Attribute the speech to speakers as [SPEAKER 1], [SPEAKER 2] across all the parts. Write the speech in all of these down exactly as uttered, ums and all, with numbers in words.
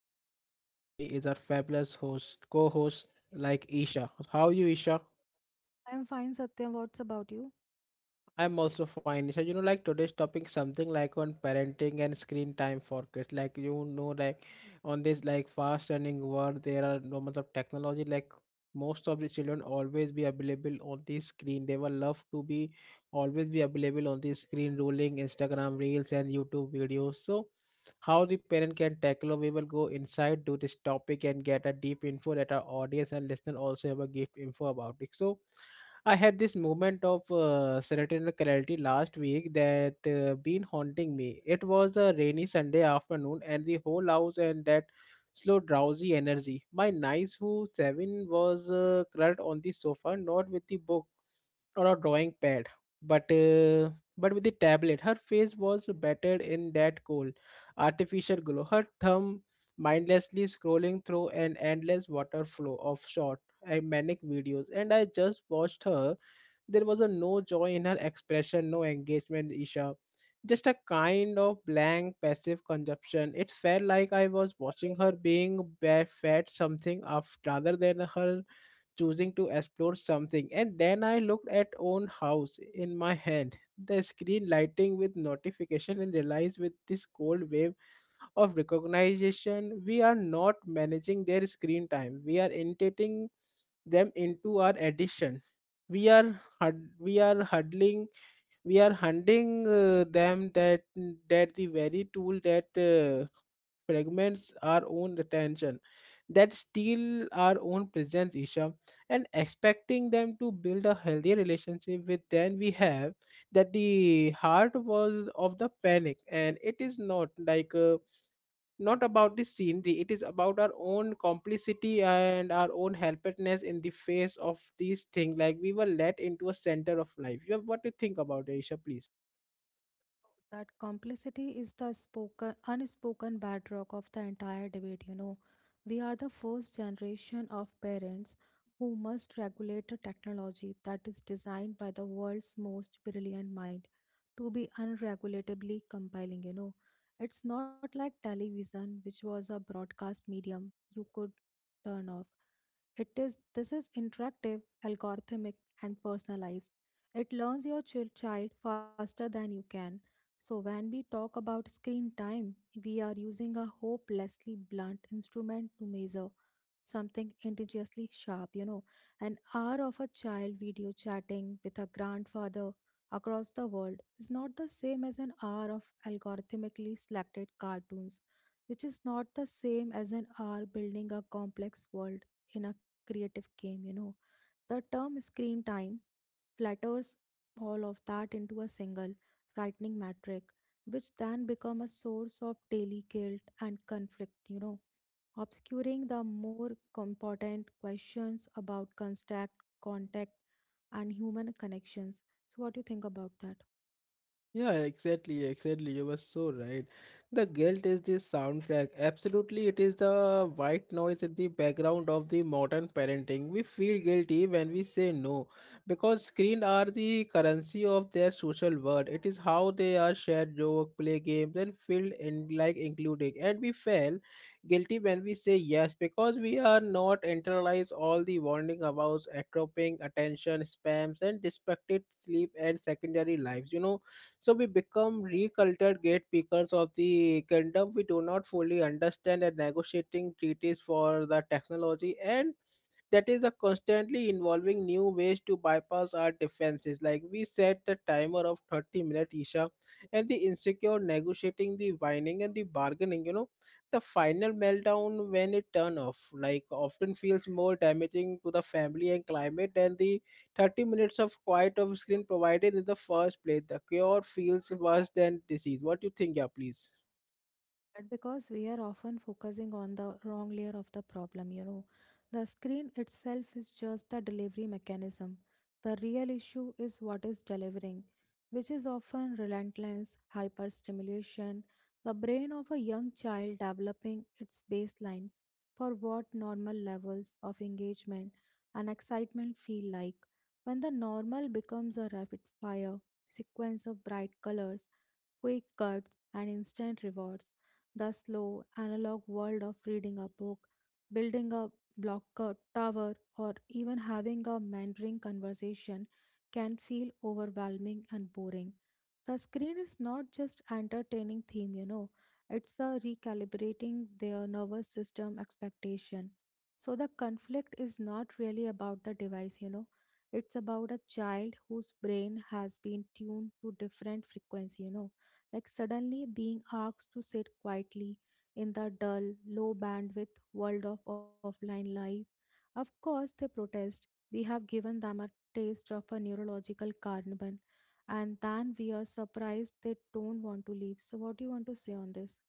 [SPEAKER 1] Satyam and with me is our fabulous host, co-host like Isha. How are you Isha?
[SPEAKER 2] I'm fine, Satya. What's about you?
[SPEAKER 1] I'm also fine. Isha, you know like today's topic something like on parenting and screen time for kids. Like you know like on this like fast running world there are no much of technology like most of the children always be available on the screen. They will love to be always be available on the screen, rolling Instagram reels and YouTube videos. So, how the parent can tackle, we will go inside to this topic and get a deep info that our audience and listener also have a gift info about it. So, I had this moment of uh, serotonin clarity last week that uh, been haunting me. It was a rainy Sunday afternoon, and the whole house and that slow drowsy energy. My nice who seven was uh, curled on the sofa, not with the book or a drawing pad, but uh, but with the tablet, her face was battered in that cold artificial glow, her thumb mindlessly scrolling through an endless waterflow of short and manic videos, and I just watched her. There was a no joy in her expression, no engagement, Isha, just a kind of blank passive consumption. It felt like I was watching her being ba- fed something of rather than her choosing to explore something. And then I looked at own house in my hand, the screen lighting with notification, and realized with this cold wave of recognition, we are not managing their screen time, we are intating them into our addiction. We are hud- we are huddling, we are hunting uh, them that that the very tool that uh, fragments our own attention, that steal our own presence, Isha, and expecting them to build a healthy relationship with then we have that the heart was of the panic. And it is not like uh, not about the scenery, it is about our own complicity and our own helplessness in the face of these things, like we were let into a center of life. You have, what do you think about it, Aisha, please?
[SPEAKER 2] That complicity is the spoken unspoken bedrock of the entire debate you know We are the first generation of parents who must regulate a technology that is designed by the world's most brilliant mind to be unregulatably compelling. You know it's not like television which was a broadcast medium you could turn off. It is, this is interactive, algorithmic and personalized. It learns your chil- child faster than you can. So, when we talk about screen time, we are using a hopelessly blunt instrument to measure something indigenously sharp, you know. An hour of a child video chatting with a grandfather across the world is not the same as an hour of algorithmically selected cartoons, which is not the same as an hour building a complex world in a creative game, you know. The term screen time flatters all of that into a single, frightening metric, which then become a source of daily guilt and conflict, you know, obscuring the more important questions about contact, contact, and human connections. So, what do you think about that?
[SPEAKER 1] Yeah, exactly, exactly. You were so right. The guilt is the soundtrack. Absolutely, it is the white noise in the background of the modern parenting. We feel guilty when we say no because screens are the currency of their social world. It is how they are shared joke, play games, and feel in like including. And we feel guilty when we say yes because we are not internalize all the warning about atrophying attention spams and distracted sleep and secondary lives. You know so we become recultured gatekeepers of the kingdom we do not fully understand and negotiating treaties for the technology and that is a constantly involving new ways to bypass our defenses. Like we set the timer of thirty minute, Isha, and the insecure negotiating the whining and the bargaining, you know the final meltdown when it turn off like often feels more damaging to the family and climate than the thirty minutes of quiet off screen provided in the first place. The cure feels worse than disease. What do you think, yeah, please?
[SPEAKER 2] But because we are often focusing on the wrong layer of the problem, you know, the screen itself is just the delivery mechanism. The real issue is what is delivering, which is often relentless hyperstimulation, the brain of a young child developing its baseline for what normal levels of engagement and excitement feel like. When the normal becomes a rapid fire sequence of bright colors, quick cuts and instant rewards, the slow analog world of reading a book, building a block co- tower, or even having a mentoring conversation can feel overwhelming and boring. The screen is not just entertaining theme, you know, it's a recalibrating their nervous system expectation. So the conflict is not really about the device, you know. It's about a child whose brain has been tuned to different frequency, you know like suddenly being asked to sit quietly in the dull, low bandwidth world of offline life. Of course, they protest. We have given them a taste of a neurological carbon, and then we are surprised they don't want to leave. So, what do you want to say on this?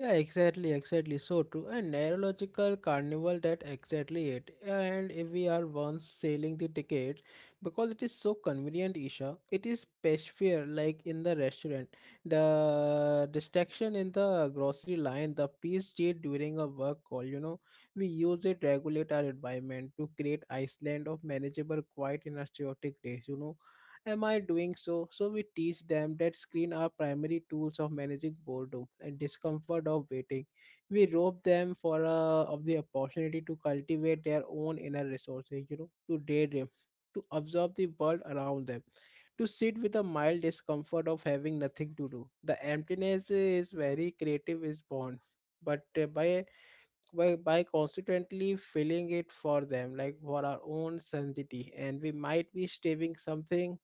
[SPEAKER 1] Yeah, exactly, exactly. So true. A neurological carnival, that exactly it. And if we are once selling the ticket, because it is so convenient, Isha, it is fear like in the restaurant. The distraction in the grocery line, the peace P S G during a work call, you know, we use it regulate our environment to create Iceland of manageable quiet in our chaotic days, you know, am I doing so? So we teach them that screen are primary tools of managing boredom and discomfort of waiting. We rob them for uh, of the opportunity to cultivate their own inner resources, you know, to daydream, to observe the world around them, to sit with a mild discomfort of having nothing to do. The emptiness is very creative is born. But uh, by, by by constantly filling it for them, like for our own sanity, and we might be striving something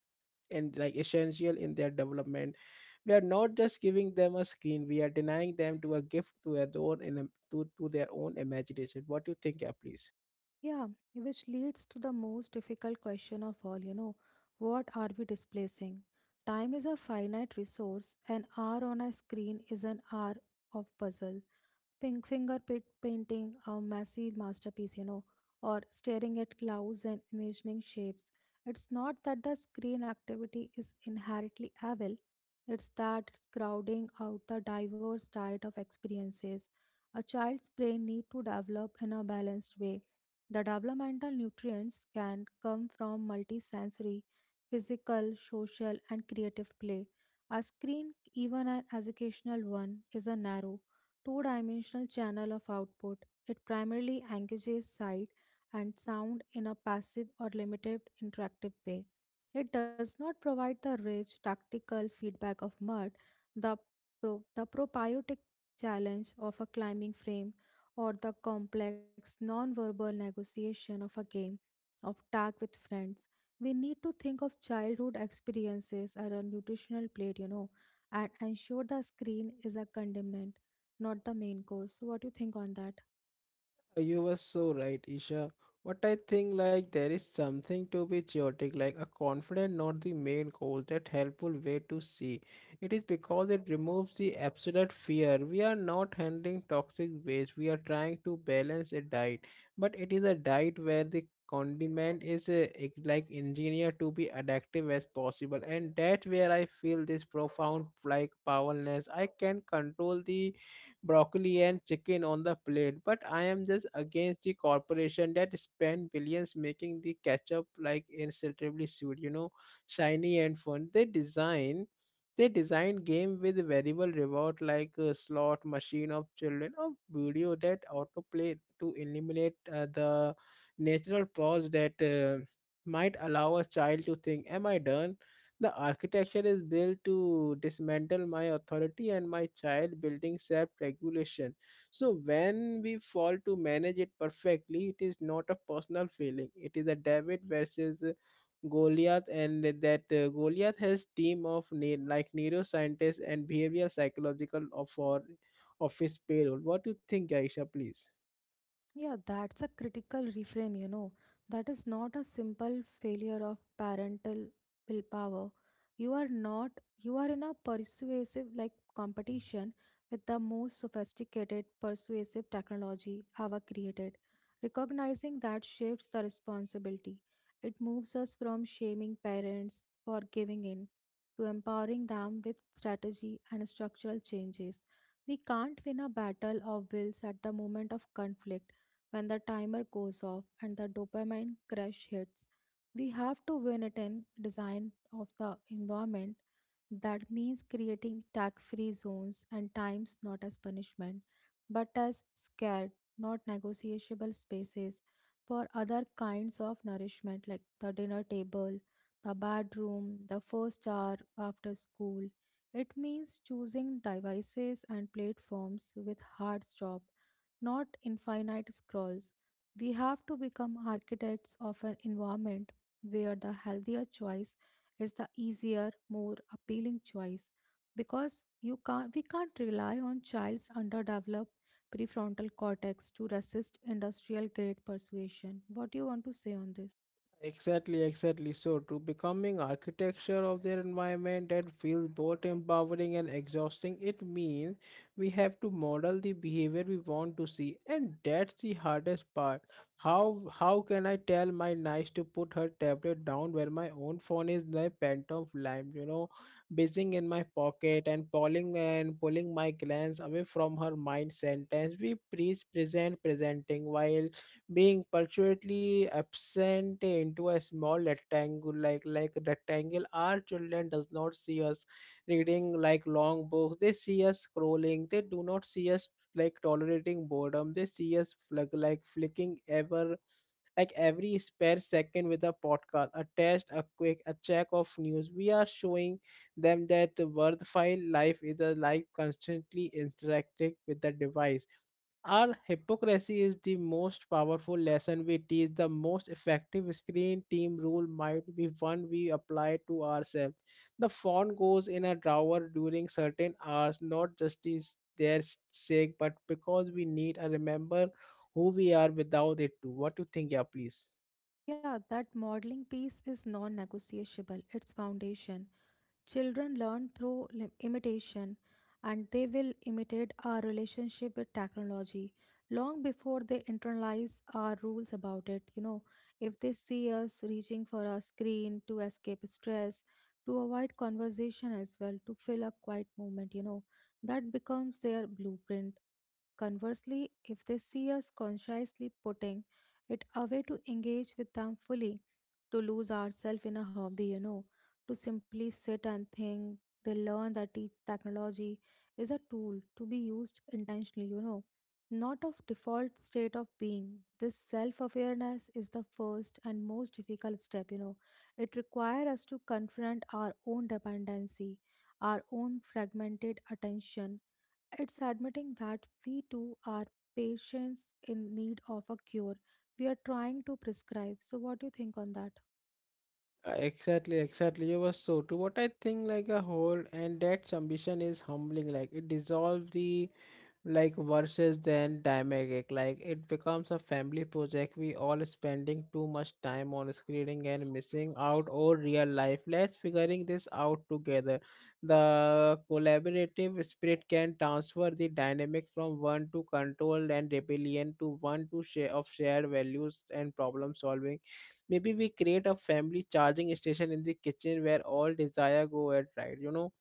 [SPEAKER 1] and like essential in their development. We are not just giving them a screen; we are denying them to a gift to their own in to, to their own imagination. What do you think, yeah, please?
[SPEAKER 2] Yeah, which leads to the most difficult question of all, you know, what are we displacing? Time is a finite resource. An hour on a screen is an hour of puzzle. Pink fingerprint painting a messy masterpiece, you know, or staring at clouds and imagining shapes. It's not that the screen activity is inherently evil, it's that it's crowding out the diverse diet of experiences a child's brain need to develop in a balanced way. The developmental nutrients can come from multisensory, physical, social, and creative play. A screen, even an educational one, is a narrow, two dimensional channel of output. It primarily engages sight and sound in a passive or limited interactive way. It does not provide the rich tactical feedback of mud, the, pro- the propiotic challenge of a climbing frame, or the complex non-verbal negotiation of a game of tag with friends. We need to think of childhood experiences as a nutritional plate, you know, and ensure the screen is a condemnant not the main course. So what do you think on that?
[SPEAKER 1] You were so right, Isha. What I think like there is something to be chaotic, like a confident not the main cause, that helpful way to see. It is because it removes the absolute fear. We are not handling toxic waste. We are trying to balance a diet. But it is a diet where the condiment is uh, ex- like engineered to be addictive as possible. And that's where I feel this profound like powerlessness. I can control the broccoli and chicken on the plate, but I am just against the corporation that spend billions making the ketchup like insultingly sweet, you know, shiny and fun. They design they design game with variable reward like a slot machine of children or video that autoplay to eliminate uh, the natural pause that uh, might allow a child to think am I done. The architecture is built to dismantle my authority and my child building self regulation. So, when we fall to manage it perfectly, it is not a personal feeling, it is a David versus uh, Goliath, and that uh, Goliath has team of ne- like neuroscientists and behavioral psychological of for office payroll. What do you think, Aisha? Please.
[SPEAKER 2] Yeah, that's a critical reframe, you know. That is not a simple failure of parental willpower. You are not, you are in a persuasive like competition with the most sophisticated persuasive technology ever created. Recognizing that shifts the responsibility. It moves us from shaming parents for giving in to empowering them with strategy and structural changes. We can't win a battle of wills at the moment of conflict when the timer goes off and the dopamine crash hits, we have to win it in design of the environment. That means creating tag free zones and times not as punishment, but as scared, not negotiable spaces for other kinds of nourishment like the dinner table, the bedroom, the first hour after school. It means choosing devices and platforms with hard stop not infinite scrolls. We have to become architects of an environment where the healthier choice is the easier, more appealing choice because you can't, we can't rely on child's underdeveloped prefrontal cortex to resist industrial grade persuasion. What do you want to say on this?
[SPEAKER 1] Exactly, exactly. So, to becoming architecture of their environment that feels both empowering and exhausting, it means we have to model the behavior we want to see, and that's the hardest part. How how can I tell my niece to put her tablet down where my own phone is the phantom of lime, you know, buzzing in my pocket and pulling and pulling my glance away from her mind sentence. We preach present presenting while being perpetually absent into a small rectangle like like rectangle our children does not see us reading like long books, they see us scrolling, they do not see us like tolerating boredom, they see us flick, like flicking ever like every spare second with a podcast, a test, a quick, a check of news. We are showing them that the worthwhile life is a life constantly interacting with the device. Our hypocrisy is the most powerful lesson we teach. The most effective screen team rule might be one we apply to ourselves. The phone goes in a drawer during certain hours, not just is their sake, but because we need to remember who we are without it too. What do you think, yeah, please?
[SPEAKER 2] Yeah, that modeling piece is non negotiable, it's foundation. Children learn through lim- imitation and they will imitate our relationship with technology long before they internalize our rules about it. You know, if they see us reaching for a screen to escape stress, to avoid conversation as well, to fill a quiet moment, you know, that becomes their blueprint. Conversely, if they see us consciously putting it away to engage with them fully, to lose ourselves in a hobby, you know, to simply sit and think, they learn that te- technology is a tool to be used intentionally, you know, not of default state of being. This self awareness is the first and most difficult step, you know. It requires us to confront our own dependency, our own fragmented attention it's admitting that we too are patients in need of a cure we are trying to prescribe. So, what do you think on that?
[SPEAKER 1] Uh, Exactly, exactly. You were so true. What I think, like a whole, and that ambition is humbling. Like it dissolves the like versus then dynamic, like it becomes a family project. We all spending too much time on screening and missing out or real life, let's figuring this out together. The collaborative spirit can transfer the dynamic from one to control and rebellion to one to share of shared values and problem solving. Maybe we create a family charging station in the kitchen where all desire go at right, you know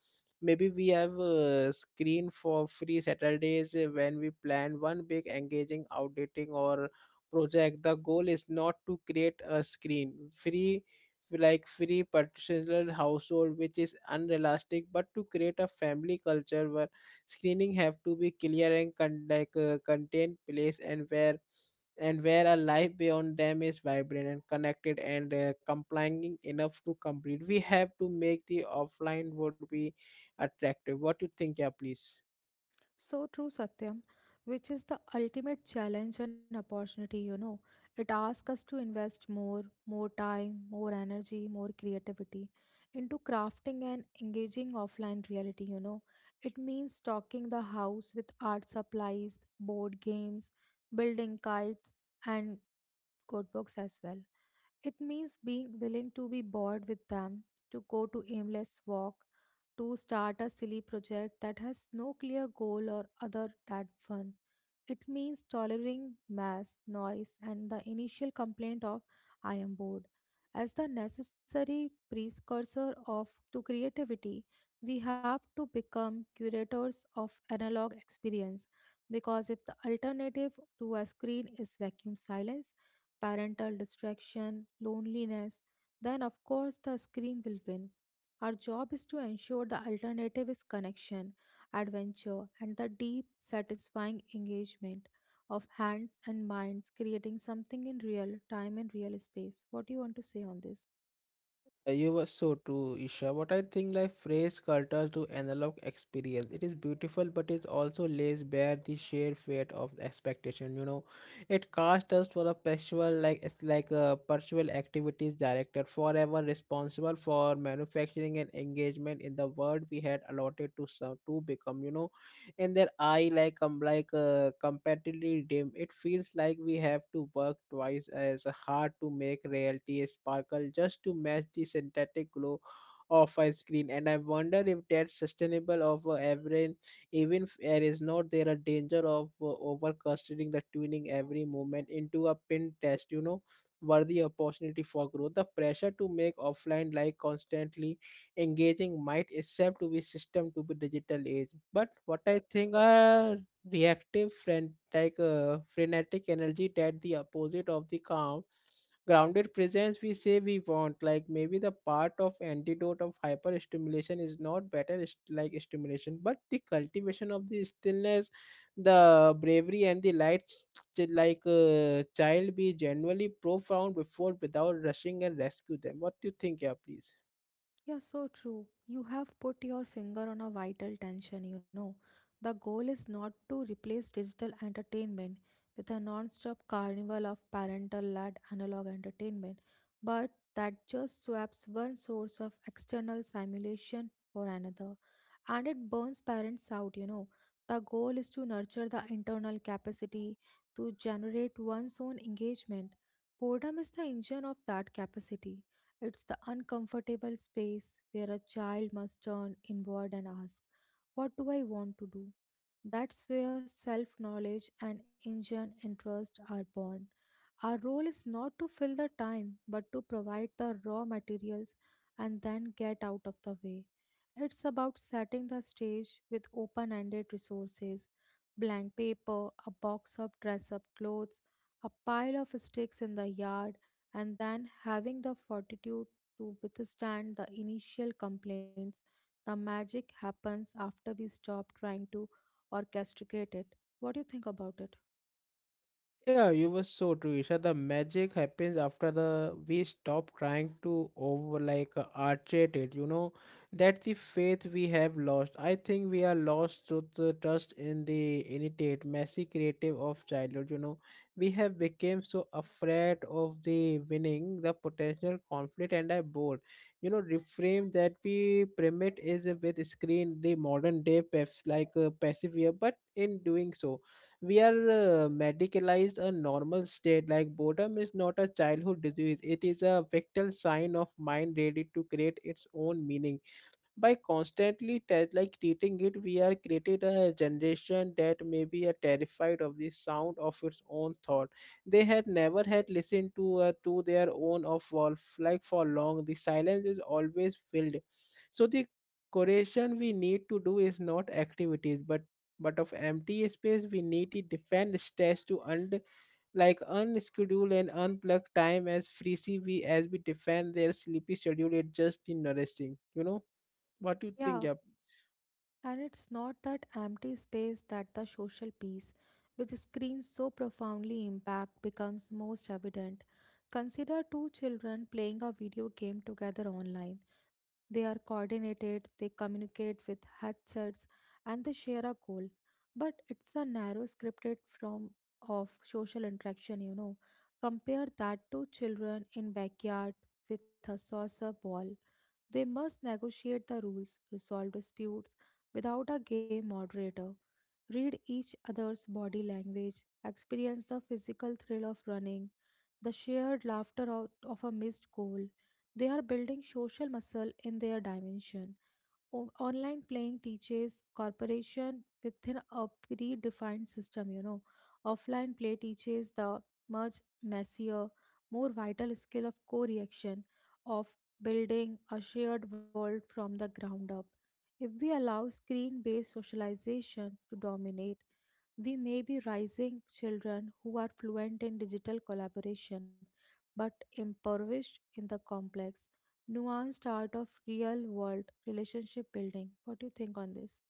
[SPEAKER 1] maybe we have a screen for free Saturdays uh, when we plan one big engaging outdating or project. The goal is not to create a screen free like free particular household which is unrealistic, but to create a family culture where screening have to be clear and con- like uh, contained place, and where and where a life beyond them is vibrant and connected and uh, complying enough to complete. We have to make the offline would be attractive. What you think, yeah, please?
[SPEAKER 2] So true, Satyam, which is the ultimate challenge and opportunity, you know. It asks us to invest more, more time, more energy, more creativity into crafting and engaging offline reality, you know. It means stocking the house with art supplies, board games, building kites, and codebooks as well. It means being willing to be bored with them, to go to aimless walk, to start a silly project that has no clear goal or other than fun. It means tolerating mass, noise, and the initial complaint of I am bored. As the necessary precursor of to creativity, we have to become curators of analog experience because if the alternative to a screen is vacuum silence, parental distraction, loneliness, then of course the screen will win. Our job is to ensure the alternative is connection, adventure, and the deep, satisfying engagement of hands and minds, creating something in real time and real space. What do you want to say on this?
[SPEAKER 1] Uh, you were so true, Isha. What I think, like phrase cultures to analog experience. It is beautiful, but it also lays bare the sheer weight of expectation. You know, it casts us for a perpetual, like it's like a perpetual activities director, forever responsible for manufacturing and engagement in the world we had allotted to some to become. You know, and then I like um, like uh, comparatively dim, it feels like we have to work twice as hard to make reality a sparkle just to match the synthetic glow of a screen, and I wonder if that's sustainable of uh, every even if there is not there a danger of uh, over considering the tuning every moment into a pin test you know worthy opportunity for growth. The pressure to make offline like constantly engaging might itself to be system to be digital age, but what I think are reactive frenetic uh, frenetic energy that the opposite of the calm grounded presence we say we want. Like maybe the part of antidote of hyper stimulation is not better st- like stimulation, but the cultivation of the stillness, the bravery and the light ch- like uh, child be genuinely profound before without rushing and rescue them. What do you think? Yeah, please.
[SPEAKER 2] Yeah, so true. You have put your finger on a vital tension, you know. The goal is not to replace digital entertainment with a non stop carnival of parental led analog entertainment, but that just swaps one source of external simulation for another. And it burns parents out, you know. The goal is to nurture the internal capacity to generate one's own engagement. Boredom is the engine of that capacity it's the uncomfortable space where a child must turn inward and ask, what do I want to do? That's where self knowledge and Indian interest are born. Our role is not to fill the time but to provide the raw materials and then get out of the way. It's about setting the stage with open ended resources blank paper, a box of dress up clothes, a pile of sticks in the yard, and then having the fortitude to withstand the initial complaints. The magic happens after we stop trying to orchestrate it. What do you think about it?
[SPEAKER 1] Yeah, you were so true, Isha. The magic happens after the we stop trying to over like uh, archetate it. You know that the faith we have lost. I think we are lost to the trust in the innate, messy creative of childhood. You know, we have become so afraid of the winning, the potential conflict, and I bored. You know, reframe that we primate is uh, with screen the modern day pef like uh, persevere, but in doing so we are uh, medicalized a normal state. Like boredom is not a childhood disease, it is a vital sign of mind ready to create its own meaning. By constantly te- like treating it, we are created a generation that may be a terrified of the sound of its own thought. They had never had listened to uh, to their own of wolf like for long, the silence is always filled. So the correction we need to do is not activities, but but of empty space. We need to defend stats to under like unschedule and unplugged time as freely we as we defend their sleepy schedule. It just in nourishing, you know. What you think?
[SPEAKER 2] Yeah,
[SPEAKER 1] Yeah.
[SPEAKER 2] and it's not that empty space that the social peace, which screens so profoundly impact, becomes most evident. Consider two children playing a video game together online. They are coordinated, they communicate with headsets, and they share a goal. But it's a narrow scripted form of social interaction, you know. Compare that to children in backyard with a saucer ball they must negotiate the rules, resolve disputes without a gay moderator, read each other's body language, experience the physical thrill of running, the shared laughter out of a missed goal. They are building social muscle in their dimension o- online playing teaches cooperation within a predefined system you know offline play teaches the much messier more vital skill of co-reaction of building a shared world from the ground up if we allow screen-based socialization to dominate we may be raising children who are fluent in digital collaboration but impoverished in the complex nuanced art of real world relationship building. What do you think on this?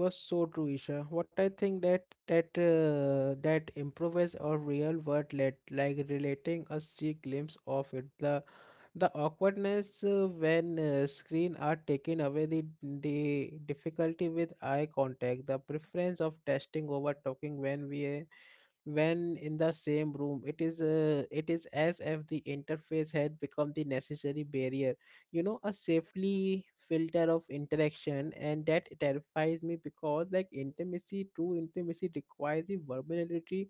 [SPEAKER 1] You are so true, Isha. What I think that that uh, that improves our real world let like relating a see glimpse of it, the the awkwardness uh, when uh, screen are taken away, the the difficulty with eye contact, the preference of testing over talking when we uh, when in the same room. It is uh, it is as if the interface had become the necessary barrier, you know, a safely filter of interaction. And that terrifies me because like intimacy, true intimacy requires the vulnerability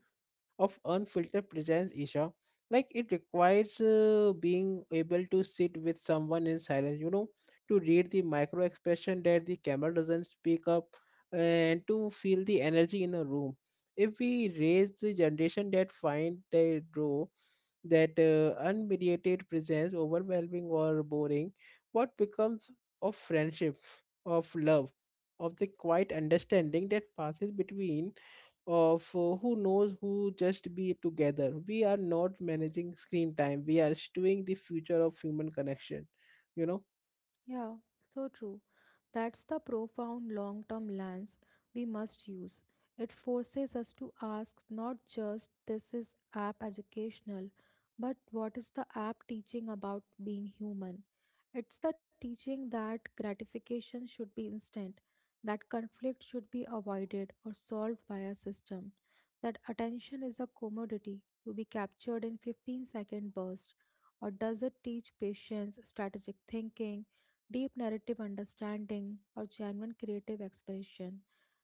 [SPEAKER 1] of unfiltered presence, Isha. Like it requires uh, being able to sit with someone in silence, you know, to read the micro expression that the camera doesn't speak up and to feel the energy in a room. If we raise the generation that find their draw that uh, unmediated presence overwhelming or boring, what becomes of friendship, of love, of the quiet understanding that passes between of uh, who knows who just be together. We are not managing screen time. We are stewing the future of human connection. You know.
[SPEAKER 2] Yeah, so true. That's the profound long term lens we must use. It forces us to ask not just this is app educational, but what is the app teaching about being human? It's the teaching that gratification should be instant, that conflict should be avoided or solved by a system, that attention is a commodity to be captured in fifteen second bursts. Or does it teach patience, strategic thinking? Deep narrative understanding, or genuine creative expression.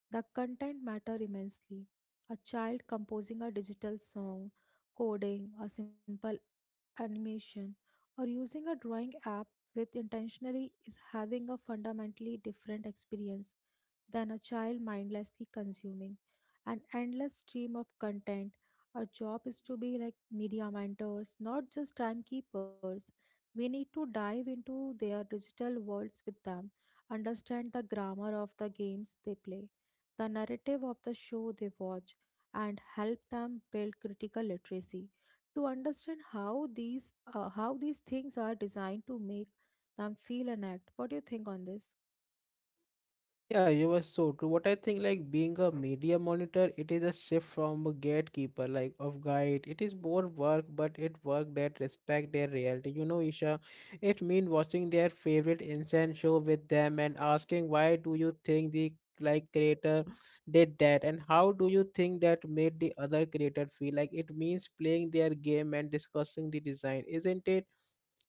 [SPEAKER 2] The content matter immensely. A child composing a digital song, coding a simple animation, or using a drawing app with intentionally is having a fundamentally different experience than a child mindlessly consuming an endless stream of content. Our job is to be like media mentors, not just timekeepers. We need to dive into their digital worlds with them, understand the grammar of the games they play, the narrative of the show they watch, and help them build critical literacy to understand how these uh, how these things are designed to make them feel and act. What do you think on this?
[SPEAKER 1] Yeah, you were so true. What I think, like being a media monitor, it is a shift from a gatekeeper, like of guide. It is more work, but it work that respect their reality. You know, Isha, it mean watching their favorite incense show with them and asking, why do you think the like creator did that and how do you think that made the other creator feel? Like it means playing their game and discussing the design. Isn't it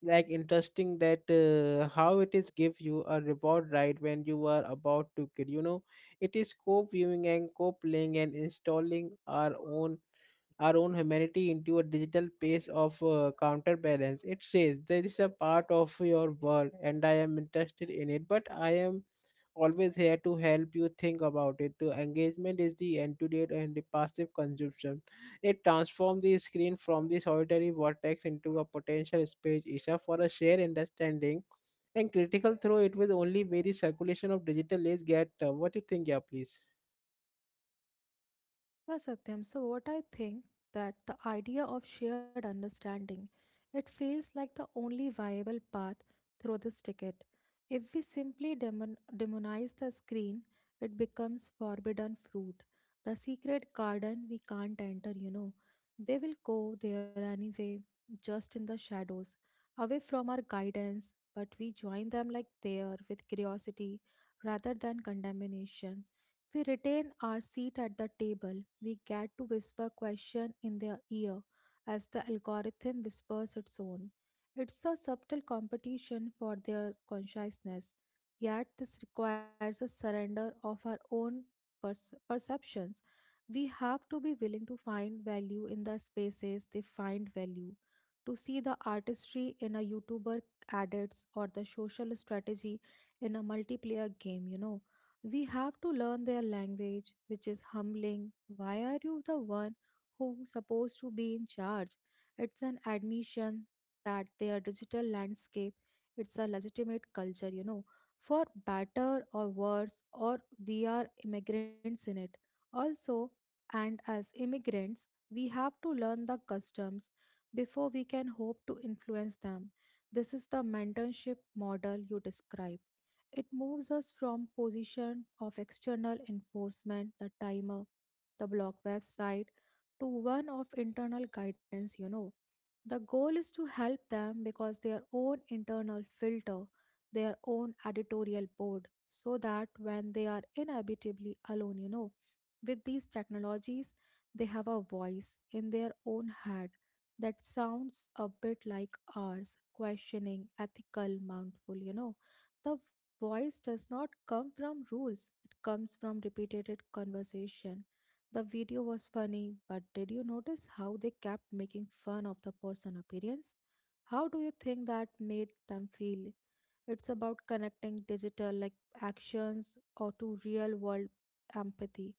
[SPEAKER 1] like interesting that uh, how it is give you a reward right when you are about to kill, you know. It is co-viewing and co-playing and installing our own our own humanity into a digital pace of uh, counterbalance. It says there is a part of your world and I am interested in it, but I am always here to help you think about it. The engagement is the antidote and the passive consumption. It transforms the screen from the solitary vortex into a potential space issue for a shared understanding and critical through it with only very circulation of digital age get. Uh, what do you think? Yeah, please.
[SPEAKER 2] Yeah, Satyam. So what I think that the idea of shared understanding, it feels like the only viable path through this ticket. If we simply demon- demonize the screen, it becomes forbidden fruit, the secret garden we can't enter. You know, they will go there anyway, just in the shadows, away from our guidance. But we join them like there with curiosity rather than condemnation. We retain our seat at the table. We get to whisper question in their ear as the algorithm whispers its own. It's a subtle competition for their consciousness. Yet this requires a surrender of our own perce- perceptions. We have to be willing to find value in the spaces they find value, to see the artistry in a YouTuber adits or the social strategy in a multiplayer game, you know. We have to learn their language, which is humbling. Why are you the one who's supposed to be in charge? It's an admission that their digital landscape, it's a legitimate culture, you know, for better or worse, or we are immigrants in it. Also, and as immigrants, we have to learn the customs before we can hope to influence them. This is the mentorship model you describe. It moves us from position of external enforcement, the timer, the blog website, to one of internal guidance, you know. The goal is to help them because their own internal filter, their own editorial board, so that when they are inevitably alone, you know, with these technologies, they have a voice in their own head that sounds a bit like ours, questioning, ethical, mindful, you know. The voice does not come from rules, it comes from repeated conversation. The video was funny, but did you notice how they kept making fun of the person appearance? How do you think that made them feel? It's about connecting digital like actions or to real world empathy.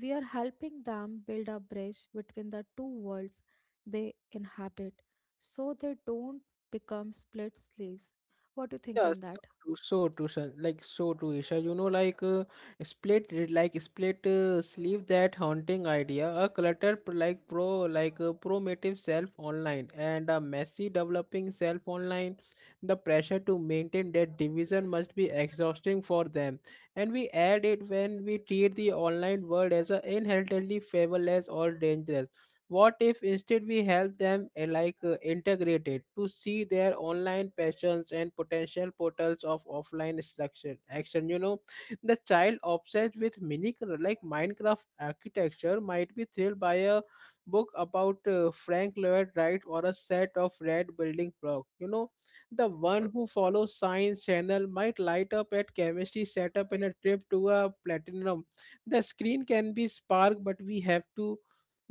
[SPEAKER 2] We are helping them build a bridge between the two worlds they inhabit so they don't become split slaves. What do you think
[SPEAKER 1] Yeah, so
[SPEAKER 2] on that?
[SPEAKER 1] true, so true, Shan- like so true, Isha. You know, like uh, split, re- like split uh, sleeve, that haunting idea, a cluttered, p- like pro, like a promotive self online, and a messy developing self online. The pressure to maintain that division must be exhausting for them, and we add it when we treat the online world as a inherently fabulous or dangerous. What if instead we help them uh, like uh, integrate it to see their online passions and potential portals of offline instruction action? You know, the child obsessed with mini like Minecraft architecture might be thrilled by a book about uh, Frank Lloyd Wright or a set of red building blocks. You know, the one who follows Science Channel might light up at chemistry setup in a trip to a platinum. The screen can be spark, but we have to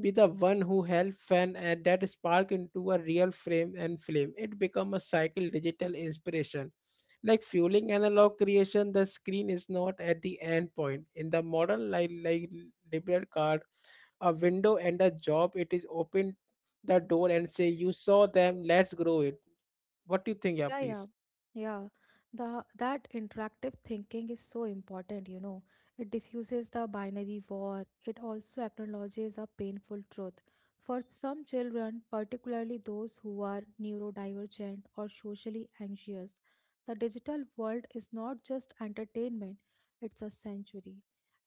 [SPEAKER 1] be the one who help fan and that spark into a real frame and flame. It become a cycle digital inspiration. Like fueling analog creation, the screen is not at the end point. In the modern like, like liberal card, a window and a job, it is open the door and say, you saw them, let's grow it. What do you think? Yeah,
[SPEAKER 2] Yeah, yeah,
[SPEAKER 1] please.
[SPEAKER 2] yeah. The that interactive thinking is so important, you know. It diffuses the binary war. It also acknowledges a painful truth. For some children, particularly those who are neurodivergent or socially anxious, the digital world is not just entertainment, it's a sanctuary.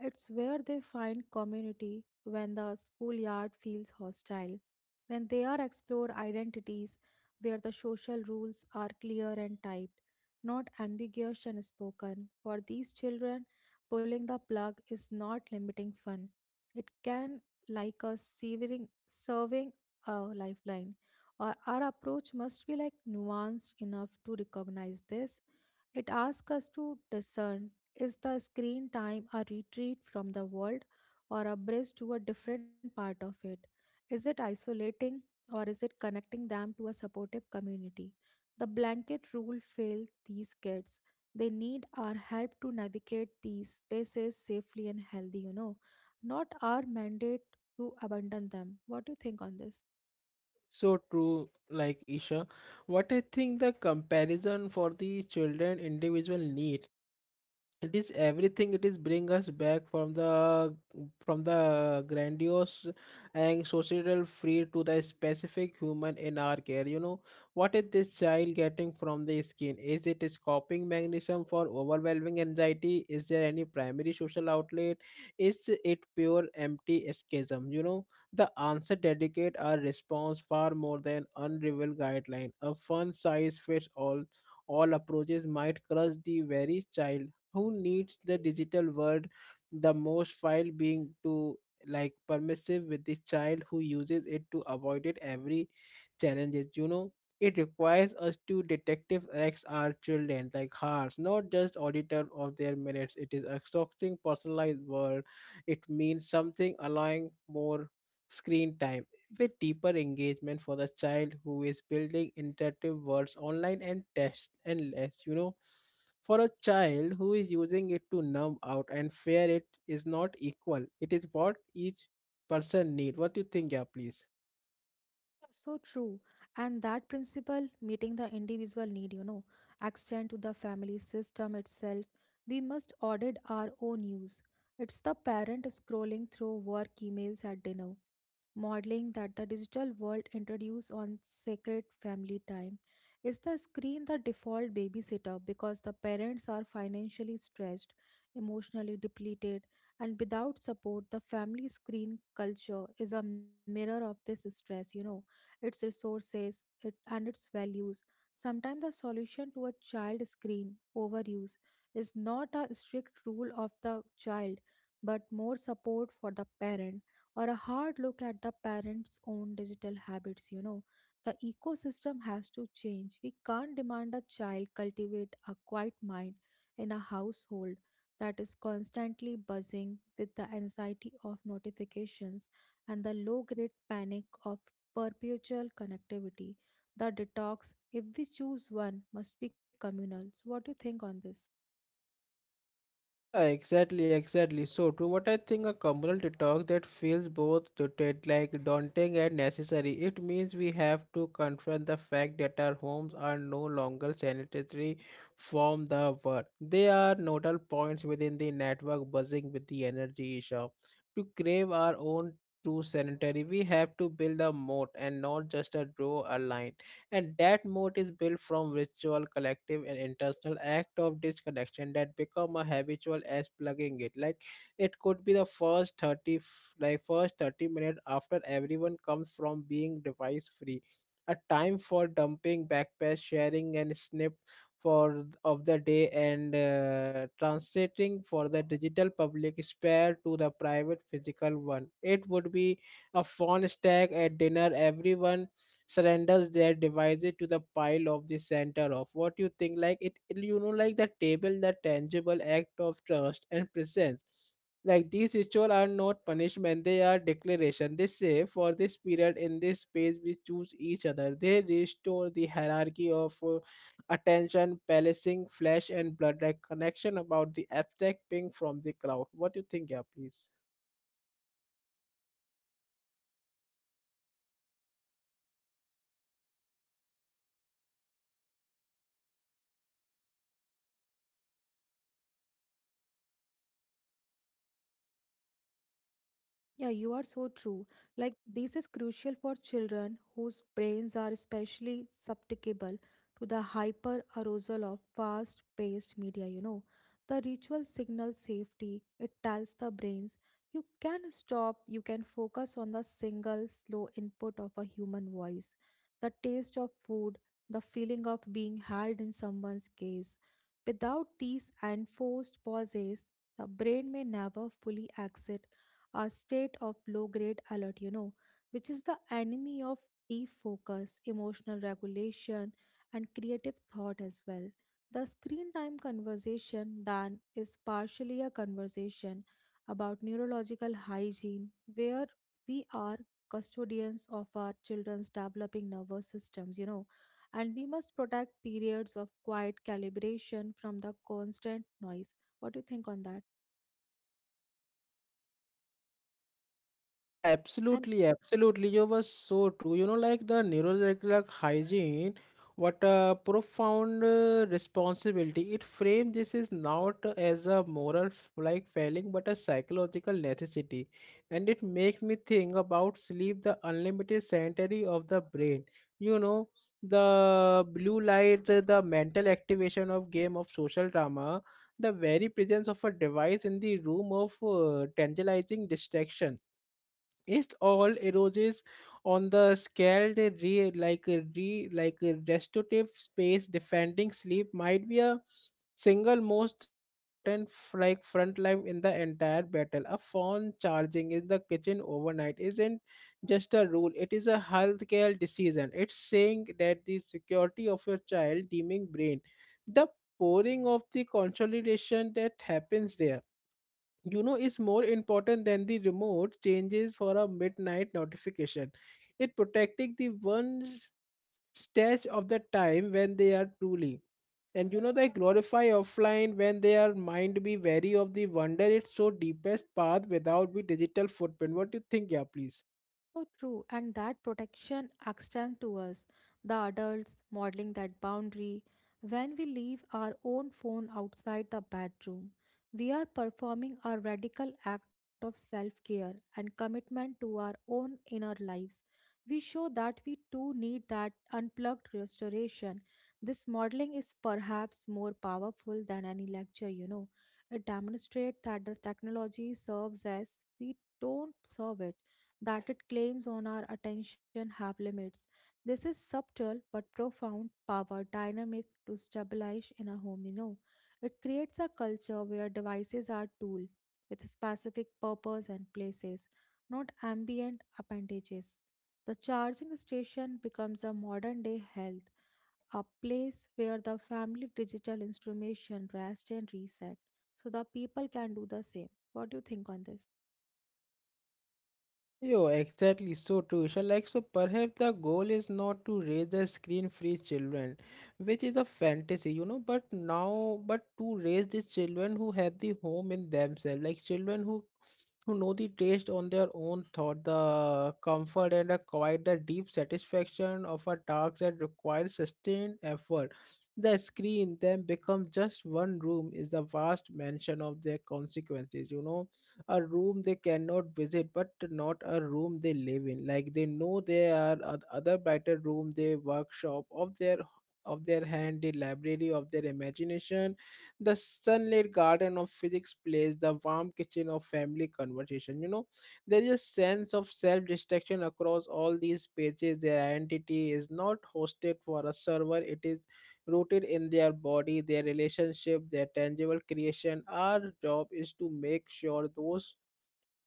[SPEAKER 2] It's where they find community when the schoolyard feels hostile. When they are explore identities where the social rules are clear and typed, not ambiguous and spoken. For these children, pulling the plug is not limiting fun. It can like a severing, serving a lifeline. Or our approach must be like nuanced enough to recognize this. It asks us to discern, is the screen time a retreat from the world or a bridge to a different part of it? Is it isolating or is it connecting them to a supportive community? The blanket rule fails these kids. They need our help to navigate these spaces safely and healthy, you know, not our mandate to abandon them. What do you think on this?
[SPEAKER 1] So true, like Isha. What I think the comparison for the children individual need, it is everything. It is bring us back from the from the grandiose and societal free to the specific human in our care, you know. What is this child getting from the skin? Is it its coping mechanism for overwhelming anxiety? Is there any primary social outlet? Is it pure empty escapism, you know? The answer dedicate our response far more than unrevealed guideline. A fun size fits all all approaches might crush the very child who needs the digital world the most, while being too like permissive with the child who uses it to avoid it every challenges, you know. It requires us to detective acts our children like hearts, not just auditor of their minutes. It is exhausting personalized world. It means something allowing more screen time with deeper engagement for the child who is building interactive words online and test, and less, you know, for a child who is using it to numb out and fear. It is not equal, it is what each person need. What do you think? Yeah, please.
[SPEAKER 2] So true. And that principle, meeting the individual need, you know, extend to the family system itself. We must audit our own use. It's the parent scrolling through work emails at dinner, modeling that the digital world introduced on sacred family time. Is the screen the default babysitter because the parents are financially stressed, emotionally depleted, and without support? The family screen culture is a mirror of this stress, you know, its resources it, and its values. Sometimes the solution to a child screen overuse is not a strict rule of the child, but more support for the parent or a hard look at the parents' own digital habits, you know. The ecosystem has to change. We can't demand a child cultivate a quiet mind in a household that is constantly buzzing with the anxiety of notifications and the low grade panic of perpetual connectivity. The detox, if we choose one, must be communal. So, what do you think on this?
[SPEAKER 1] Yeah, exactly, exactly. So, to what I think a communal detox that feels both daunted, like daunting and necessary. It means we have to confront the fact that our homes are no longer sanitary from the world. They are nodal points within the network buzzing with the energy issue. To crave our own true sanitary, we have to build a moat and not just a draw a line, and that mode is built from ritual collective and intentional act of disconnection that become a habitual as plugging it. Like it could be the first thirty f- like first thirty minutes after everyone comes from being device free, a time for dumping backpack sharing and snip for of the day and uh, translating for the digital public spare to the private physical one. It would be a phone stack at dinner, everyone surrenders their devices to the pile of the center of what you think. Like it, it- you know, like the table, the tangible act of trust and presence. Like these rituals are not punishment, they are declaration. They say, for this period in this space, we choose each other. They restore the hierarchy of uh, attention, palacing, flesh, and blood, like connection about the abstract ping from the crowd. What do you think? Yeah, please.
[SPEAKER 2] Yeah, you are so true. Like, this is crucial for children whose brains are especially susceptible to the hyper arousal of fast paced media. You know, the ritual signals safety, it tells the brains you can stop, you can focus on the single slow input of a human voice, the taste of food, the feeling of being held in someone's gaze. Without these enforced pauses, the brain may never fully exit a state of low grade alert, you know, which is the enemy of deep focus, emotional regulation, and creative thought as well. The screen time conversation then is partially a conversation about neurological hygiene, where we are custodians of our children's developing nervous systems, you know, and we must protect periods of quiet calibration from the constant noise. What do you think on that?
[SPEAKER 1] Yeah,
[SPEAKER 2] And
[SPEAKER 1] absolutely, absolutely. You were so true. You know, like the neurosurgical hygiene, what a profound uh, responsibility. It framed this is not as a moral f- like failing, but a psychological necessity. And it makes me think about sleep, the unlimited sanctuary of the brain. You know, the blue light, uh, the mental activation of game of social drama, the very presence of a device in the room of uh, tantalizing distraction, it all erodes on the scaled re like a re like a restorative space. Defending sleep might be a single most important f- like front line in the entire battle. A phone charging in the kitchen overnight isn't just a rule, it is a healthcare decision. It's saying that the security of your child dimming brain, the pouring of the consolidation that happens there, you know, is more important than the remote changes for a midnight notification. It protecting the one's stash of the time when they are truly, and you know they glorify offline when their mind be wary of the wonder its so deepest path without the digital footprint. What do you think? Yeah, please.
[SPEAKER 2] So true, and that protection extends to us, the adults, modeling that boundary. When we leave our own phone outside the bedroom, we are performing a radical act of self care and commitment to our own inner lives. We show that we too need that unplugged restoration. This modeling is perhaps more powerful than any lecture, you know. It demonstrates that the technology serves us, we don't serve it, that it claims on our attention have limits. This is subtle but profound power dynamic to stabilize in a home, you know. It creates a culture where devices are tool with specific purpose and places, not ambient appendages. The charging station becomes a modern day health, a place where the family digital instrumentation rests and reset so the people can do the same. What do you think on this?
[SPEAKER 1] Yo, exactly so too. So like, so perhaps the goal is not to raise the screen-free children, which is a fantasy, you know, but now but to raise these children who have the home in themselves, like children who who know the taste on their own thought, the comfort and the quiet, the deep satisfaction of a task that requires sustained effort. The screen then becomes just one room is the vast mansion of their consequences, you know, a room they cannot visit but not a room they live in like they know there are oth- other brighter room their workshop of their of their hand, the library of their imagination, the sunlit garden of physics place, the warm kitchen of family conversation, you know, there is a sense of self-destruction across all these pages. Their identity is not hosted for a server, it is rooted in their body, their relationship, their tangible creation. Our job is to make sure those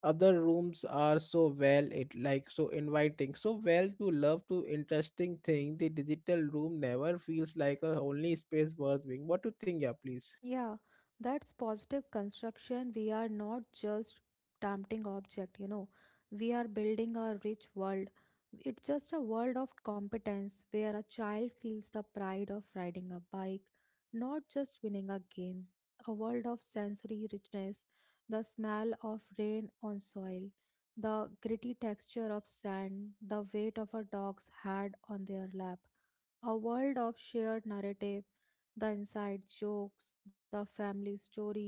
[SPEAKER 1] other rooms are so well it like so inviting so well to love to interesting thing the digital room never feels like a only space worth being what to think. Yeah, please.
[SPEAKER 2] Yeah, that's positive construction. We are not just tempting object, you know. We are building a rich world. It's just a world of competence where a child feels the pride of riding a bike, not just winning a game. A world of sensory richness, the smell of rain on soil, the gritty texture of sand, the weight of a dog's head on their lap, a world of shared narrative, the inside jokes, the family stories,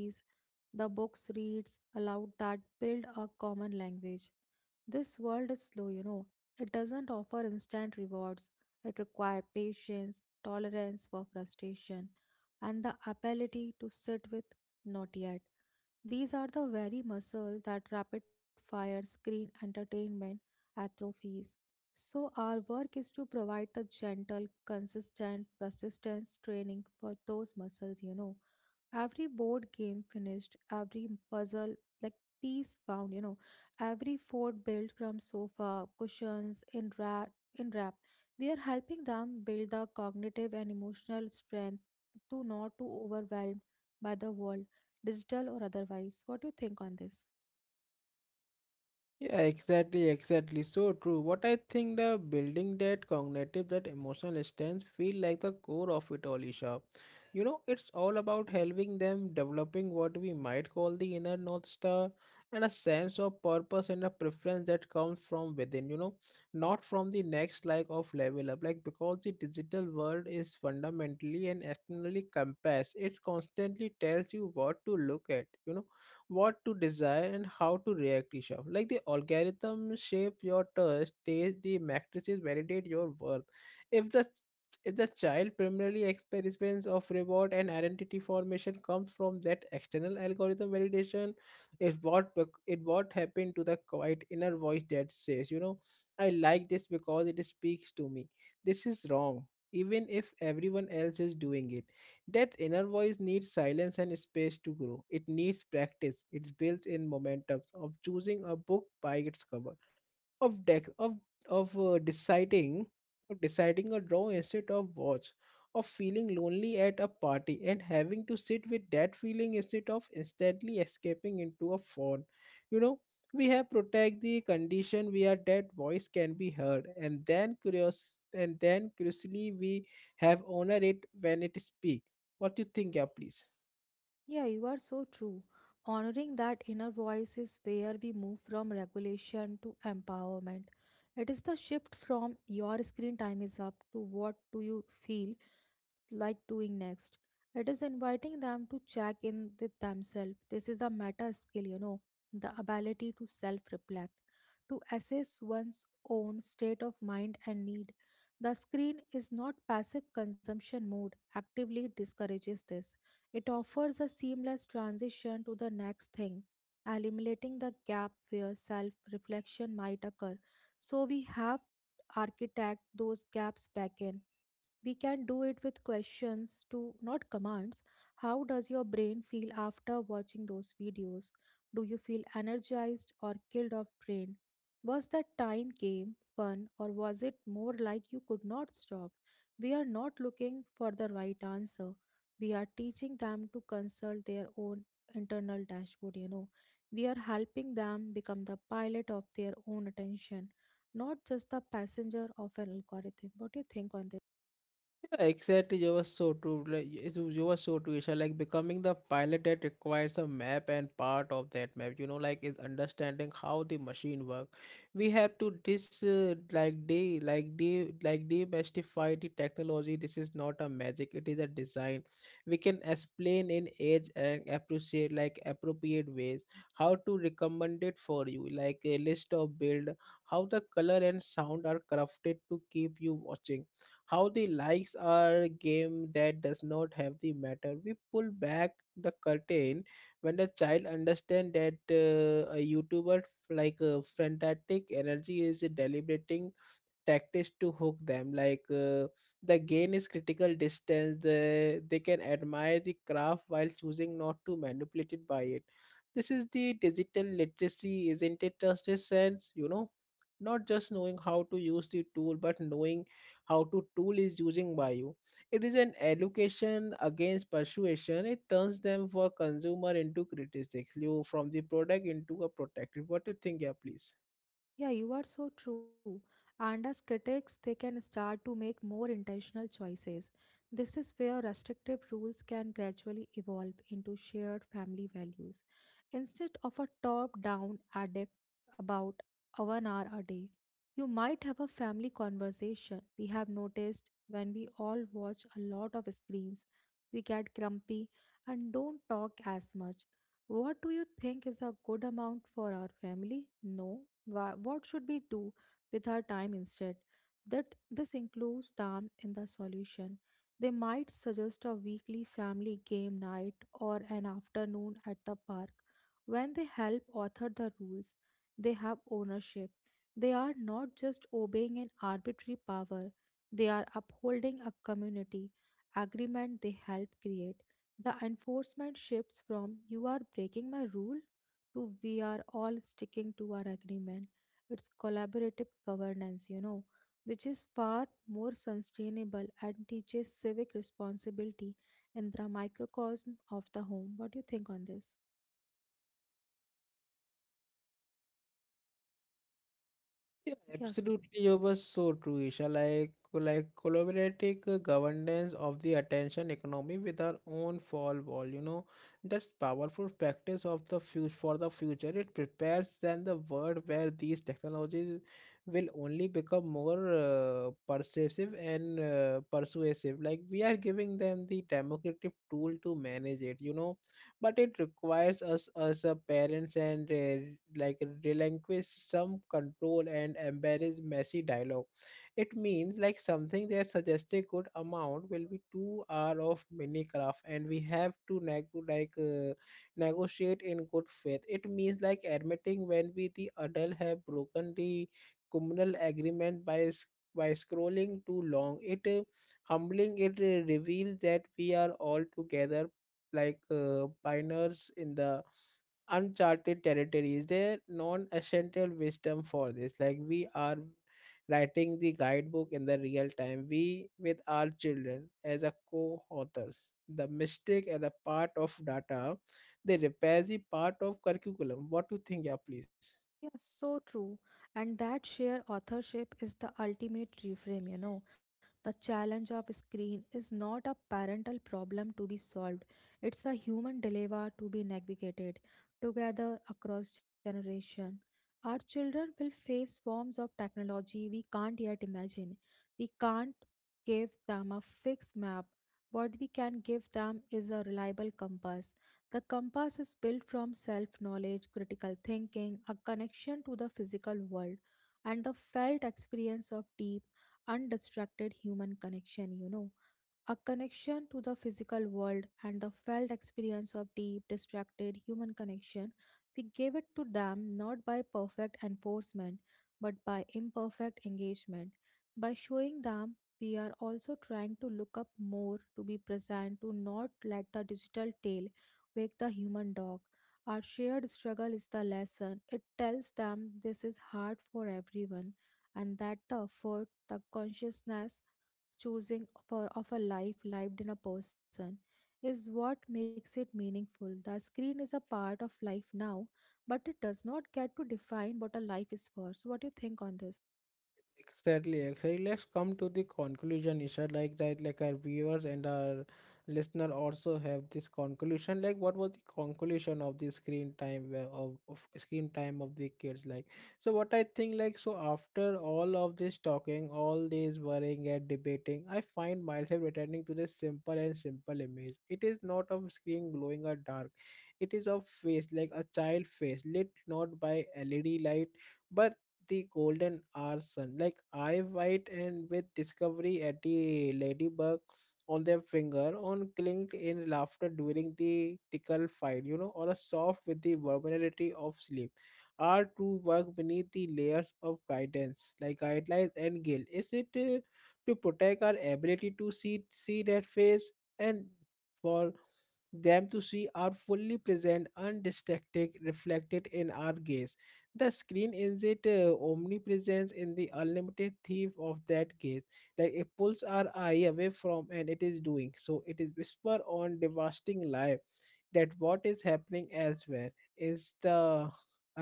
[SPEAKER 2] the books reads aloud that build a common language. This world is slow, you know. It doesn't offer instant rewards. It requires patience, tolerance for frustration, and the ability to sit with not yet. These are the very muscles that rapid fire screen entertainment atrophies. So, our work is to provide the gentle, consistent, persistence training for those muscles, you know, every board game finished, every puzzle like piece found, you know, every fort built from sofa cushions in wrap in wrap, we are helping them build the cognitive and emotional strength to not to overwhelmed by the world, digital or otherwise. What do you think on this?
[SPEAKER 1] Yeah, exactly, exactly. So true. What I think the building that cognitive, that emotional stance feel like the core of it all, Isha. You know, it's all about helping them developing what we might call the inner North Star and a sense of purpose and a preference that comes from within, you know, not from the next like of level up. Like because the digital world is fundamentally and externally compass, it constantly tells you what to look at, you know, what to desire and how to react to shop. Like the algorithm shape your taste, taste the matrices validate your worth. If the if the child primarily experience of reward and identity formation comes from that external algorithm validation, it what bec- it what happened to the quiet inner voice that says, you know, I like this because it speaks to me. This is wrong, even if everyone else is doing it. That inner voice needs silence and space to grow. It needs practice. It builds in momentum of choosing a book by its cover, of deck of of uh, deciding, of deciding a draw instead of watch, of feeling lonely at a party and having to sit with that feeling instead of instantly escaping into a phone, you know, we have protect the condition where that voice can be heard, and then curious, and then curiously we have honor it when it speaks. What do you think? Yeah, please.
[SPEAKER 2] Yeah, you are so true. Honoring that inner voice is where we move from regulation to empowerment. It is the shift from your screen time is up to what do you feel like doing next. It is inviting them to check in with themselves. This is a meta skill, you know, the ability to self reflect, to assess one's own state of mind and need. The screen is not passive consumption mode, actively discourages this. It offers a seamless transition to the next thing, eliminating the gap where self reflection might occur. So we have architect those gaps back in. We can do it with questions to not commands. How does your brain feel after watching those videos? Do you feel energized or killed off drained? Was that time game fun or was it more like you could not stop? We are not looking for the right answer, we are teaching them to consult their own internal dashboard, you know. We are helping them become the pilot of their own attention, not just the passenger of an algorithm. What do you think on this?
[SPEAKER 1] Yeah, exactly. You were so true. Like yes, you you were so true, Isha. Like becoming the pilot that requires a map, and part of that map, you know, like is understanding how the machine work. We have to this uh, like de like de like demystify the technology. This is not a magic. It is a design. We can explain in age and appreciate like appropriate ways how to recommend it for you. Like a list of build, how the color and sound are crafted to keep you watching, how the likes are a game that does not have the matter. We pull back the curtain. When the child understand that uh, a YouTuber like uh, frantic energy is deliberating tactics to hook them, like uh, the gain is critical distance, the, they can admire the craft while choosing not to manipulate it by it. This is the digital literacy, isn't it just a sense, you know, not just knowing how to use the tool but knowing how to tool is using by you. It is an education against persuasion. It turns them for consumer into critics, you from the product into a protector. What do you think? Yeah, please.
[SPEAKER 2] Yeah, you are so true. And as critics, they can start to make more intentional choices. This is where restrictive rules can gradually evolve into shared family values instead of a top down addict about a one hour a day. You might have a family conversation. We have noticed when we all watch a lot of screens, we get grumpy and don't talk as much. What do you think is a good amount for our family? No, Wha- what should we do with our time instead? That this includes time in the solution. They might suggest a weekly family game night or an afternoon at the park. When they help author the rules, they have ownership. They are not just obeying an arbitrary power, they are upholding a community agreement they help create. The enforcement shifts from "you are breaking my rule" to "we are all sticking to our agreement." It's collaborative governance, you know, which is far more sustainable and teaches civic responsibility in the microcosm of the home. What do you think on this?
[SPEAKER 1] Yeah,
[SPEAKER 2] Yes.
[SPEAKER 1] absolutely. You were so true, Isha. Like, like collaborative uh, governance of the attention economy with our own fall wall. You know, that's powerful practice of the future for the future. It prepares them the world where these technologies will only become more uh, persuasive and uh, persuasive. Like we are giving them the democratic tool to manage it. You know, but it requires us as a parents and uh, like relinquish some control and embrace messy dialogue. It means like something that suggested. Good amount will be two hours of Minecraft, and we have to neg- like uh, negotiate in good faith. It means like admitting when we the adult have broken the communal agreement by s- by scrolling too long it uh, humbling it uh, reveals that we are all together like uh, pioneers in the uncharted territories. Their non-essential wisdom for this, like we are writing the guidebook in the real time. We with our children as a co-authors. The mistake as a part of data, they repair the part of curriculum. What do you think? Yeah, please?
[SPEAKER 2] Yes, so true. And that sheer authorship is the ultimate reframe, you know. The challenge of screen is not a parental problem to be solved. It's a human dilemma to be navigated together across generation. Our children will face forms of technology we can't yet imagine. We can't give them a fixed map. What we can give them is a reliable compass. The compass is built from self knowledge, critical thinking, a connection to the physical world, and the felt experience of deep, undistracted human connection, you know a connection to the physical world and the felt experience of deep, distracted human connection. We gave it to them not by perfect enforcement, but by imperfect engagement. By showing them, we are also trying to look up more, to be present, to not let the digital tale wake the human dog. Our shared struggle is the lesson. It tells them this is hard for everyone and that the effort, the consciousness, choosing for of a life lived in a person is what makes it meaningful. The screen is a part of life now, but it does not get to define what a life is for. So what do you think on this?
[SPEAKER 1] Exactly, exactly. Let's come to the conclusion, Isha. Like that, like our viewers and our listener also have this conclusion. Like, what was the conclusion of the screen time uh, of, of screen time of the kids? Like, so what I think, like, so after all of this talking, all this worrying and debating, I find myself returning to this simple and simple image. It is not of screen glowing or dark. It is of face, like a child face, lit not by L E D light but the golden hour sun. Like eye white and with discovery at the ladybug on their finger on clinked in laughter during the tickle fight, you know, or a soft with the vulnerability of sleep. Are to work beneath the layers of guidance, like guidelines and guilt. Is it uh, to protect our ability to see see that face, and for them to see are fully present, undistracted, reflected in our gaze. The screen is it uh, omnipresence in the unlimited thief of that case. Like it pulls our eye away from, and it is doing so it is whisper on devastating life, that what is happening elsewhere is the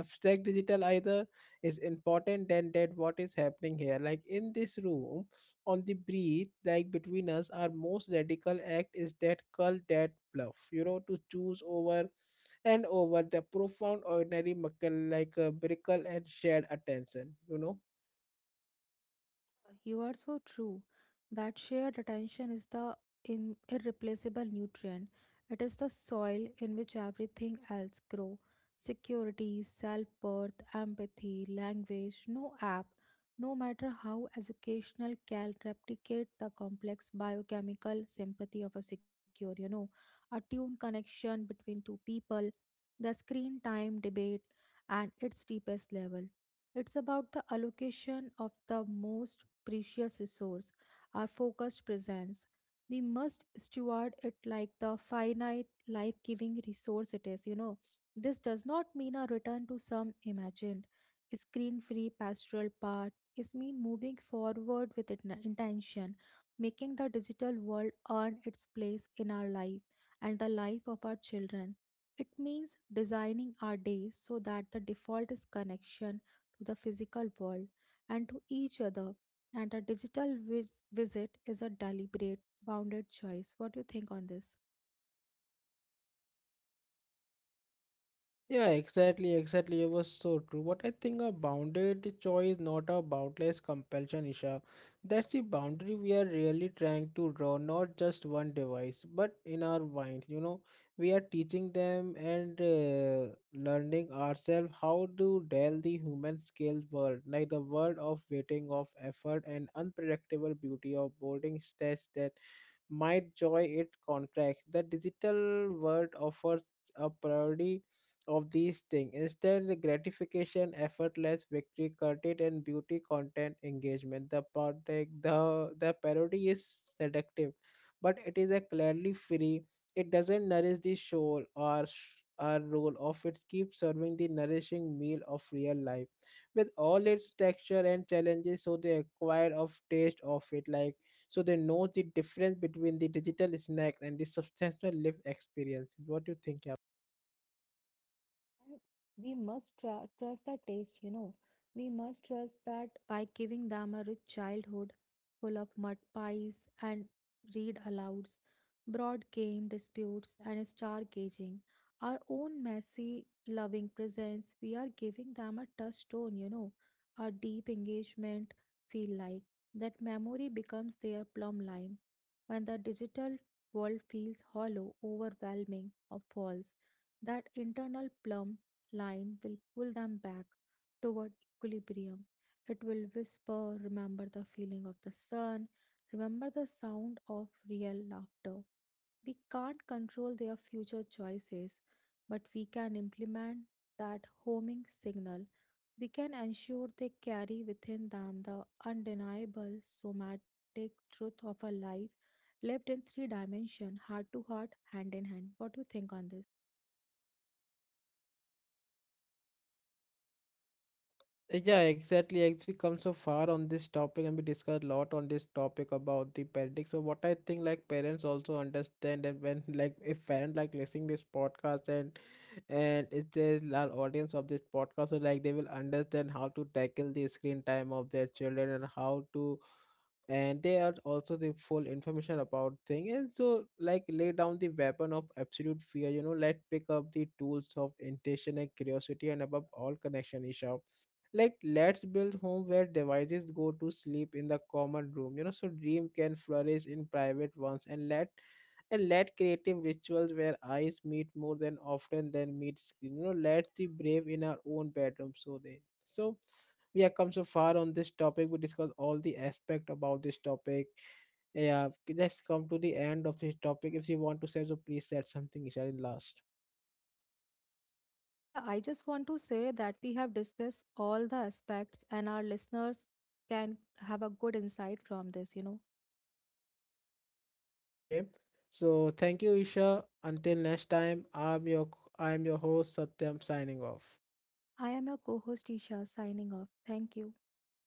[SPEAKER 1] abstract digital either, is important than that what is happening here, like in this room, on the breath like between us, our most radical act is that call that bluff, you know, to choose over and over the profound ordinary muckle like a miracle and shared attention, you know?
[SPEAKER 2] You are so true. That shared attention is the im- irreplaceable nutrient. It is the soil in which everything else grows. Security, self-worth, empathy, language, no app, no matter how educational, can replicate the complex biochemical sympathy of a secure, you know, attuned connection between two people, the screen time debate, and its deepest level. It's about the allocation of the most precious resource, our focused presence. We must steward it like the finite, life giving resource it is, you know. This does not mean a return to some imagined, screen free pastoral path. It means moving forward with it- intention, making the digital world earn its place in our life and the life of our children. It means designing our days so that the default is connection to the physical world and to each other, and a digital vis- visit is a deliberate, bounded choice. What do you think on this?
[SPEAKER 1] Yeah, exactly, exactly. It was so true. What I think a bounded choice, not a boundless compulsion, Isha. That's the boundary we are really trying to draw, not just one device, but in our mind. You know, we are teaching them and uh, learning ourselves how to deal the human scale world, like the world of waiting, of effort, and unpredictable beauty of boarding stress that might joy it contracts. The digital world offers a parody of these things. Instant gratification, effortless victory, curtain and beauty content engagement. The product the the parody is seductive, but it is a clearly free. It doesn't nourish the soul or sh- or role of it keeps serving the nourishing meal of real life with all its texture and challenges. So the acquired of taste of it, like so they know the difference between the digital snack and the substantial lived experiences. What do you think? Yeah,
[SPEAKER 2] And we must tr- trust our taste, you know. We must trust that by giving them a rich childhood full of mud pies and read alouds, broad game disputes, and stargazing, our own messy, loving presence, we are giving them a touchstone, you know. A deep engagement, feel like that memory becomes their plumb line. When the digital world feels hollow, overwhelming, or false, that internal plumb line will pull them back toward equilibrium. It will whisper, remember the feeling of the sun, remember the sound of real laughter. We can't control their future choices, but we can implement that homing signal. We can ensure they carry within them the undeniable somatic truth of a life lived in three dimension, heart to heart, hand in hand. What do you think on this?
[SPEAKER 1] yeah, yeah, exactly. Actually, come so far on this topic, and we discussed a lot on this topic about the parenting. So, what I think, like parents also understand that when, like, if parent like listening this podcast, and and if there's large audience of this podcast, so like they will understand how to tackle the screen time of their children and how to, and they are also the full information about thing, and so like lay down the weapon of absolute fear, you know, let pick up the tools of intention and curiosity and above all connection, Isha. Like, let's build home where devices go to sleep in the common room, you know, so dream can flourish in private ones, and let, and let creative rituals where eyes meet more than often than meet screen. You know, let's be brave in our own bedroom. So they so we have come so far on this topic. We discussed all the aspect about this topic. Yeah, let's come to the end of this topic. If you want to say so, please said something, Isha, in last.
[SPEAKER 2] Yeah, I just want to say that we have discussed all the aspects and our listeners can have a good insight from this, you know.
[SPEAKER 1] Okay. So thank you, Isha. Until next time, I'm your I'm your host Satyam signing off.
[SPEAKER 2] I am your co host, Isha, signing off. Thank you.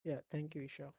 [SPEAKER 1] Yeah, thank you, Isha.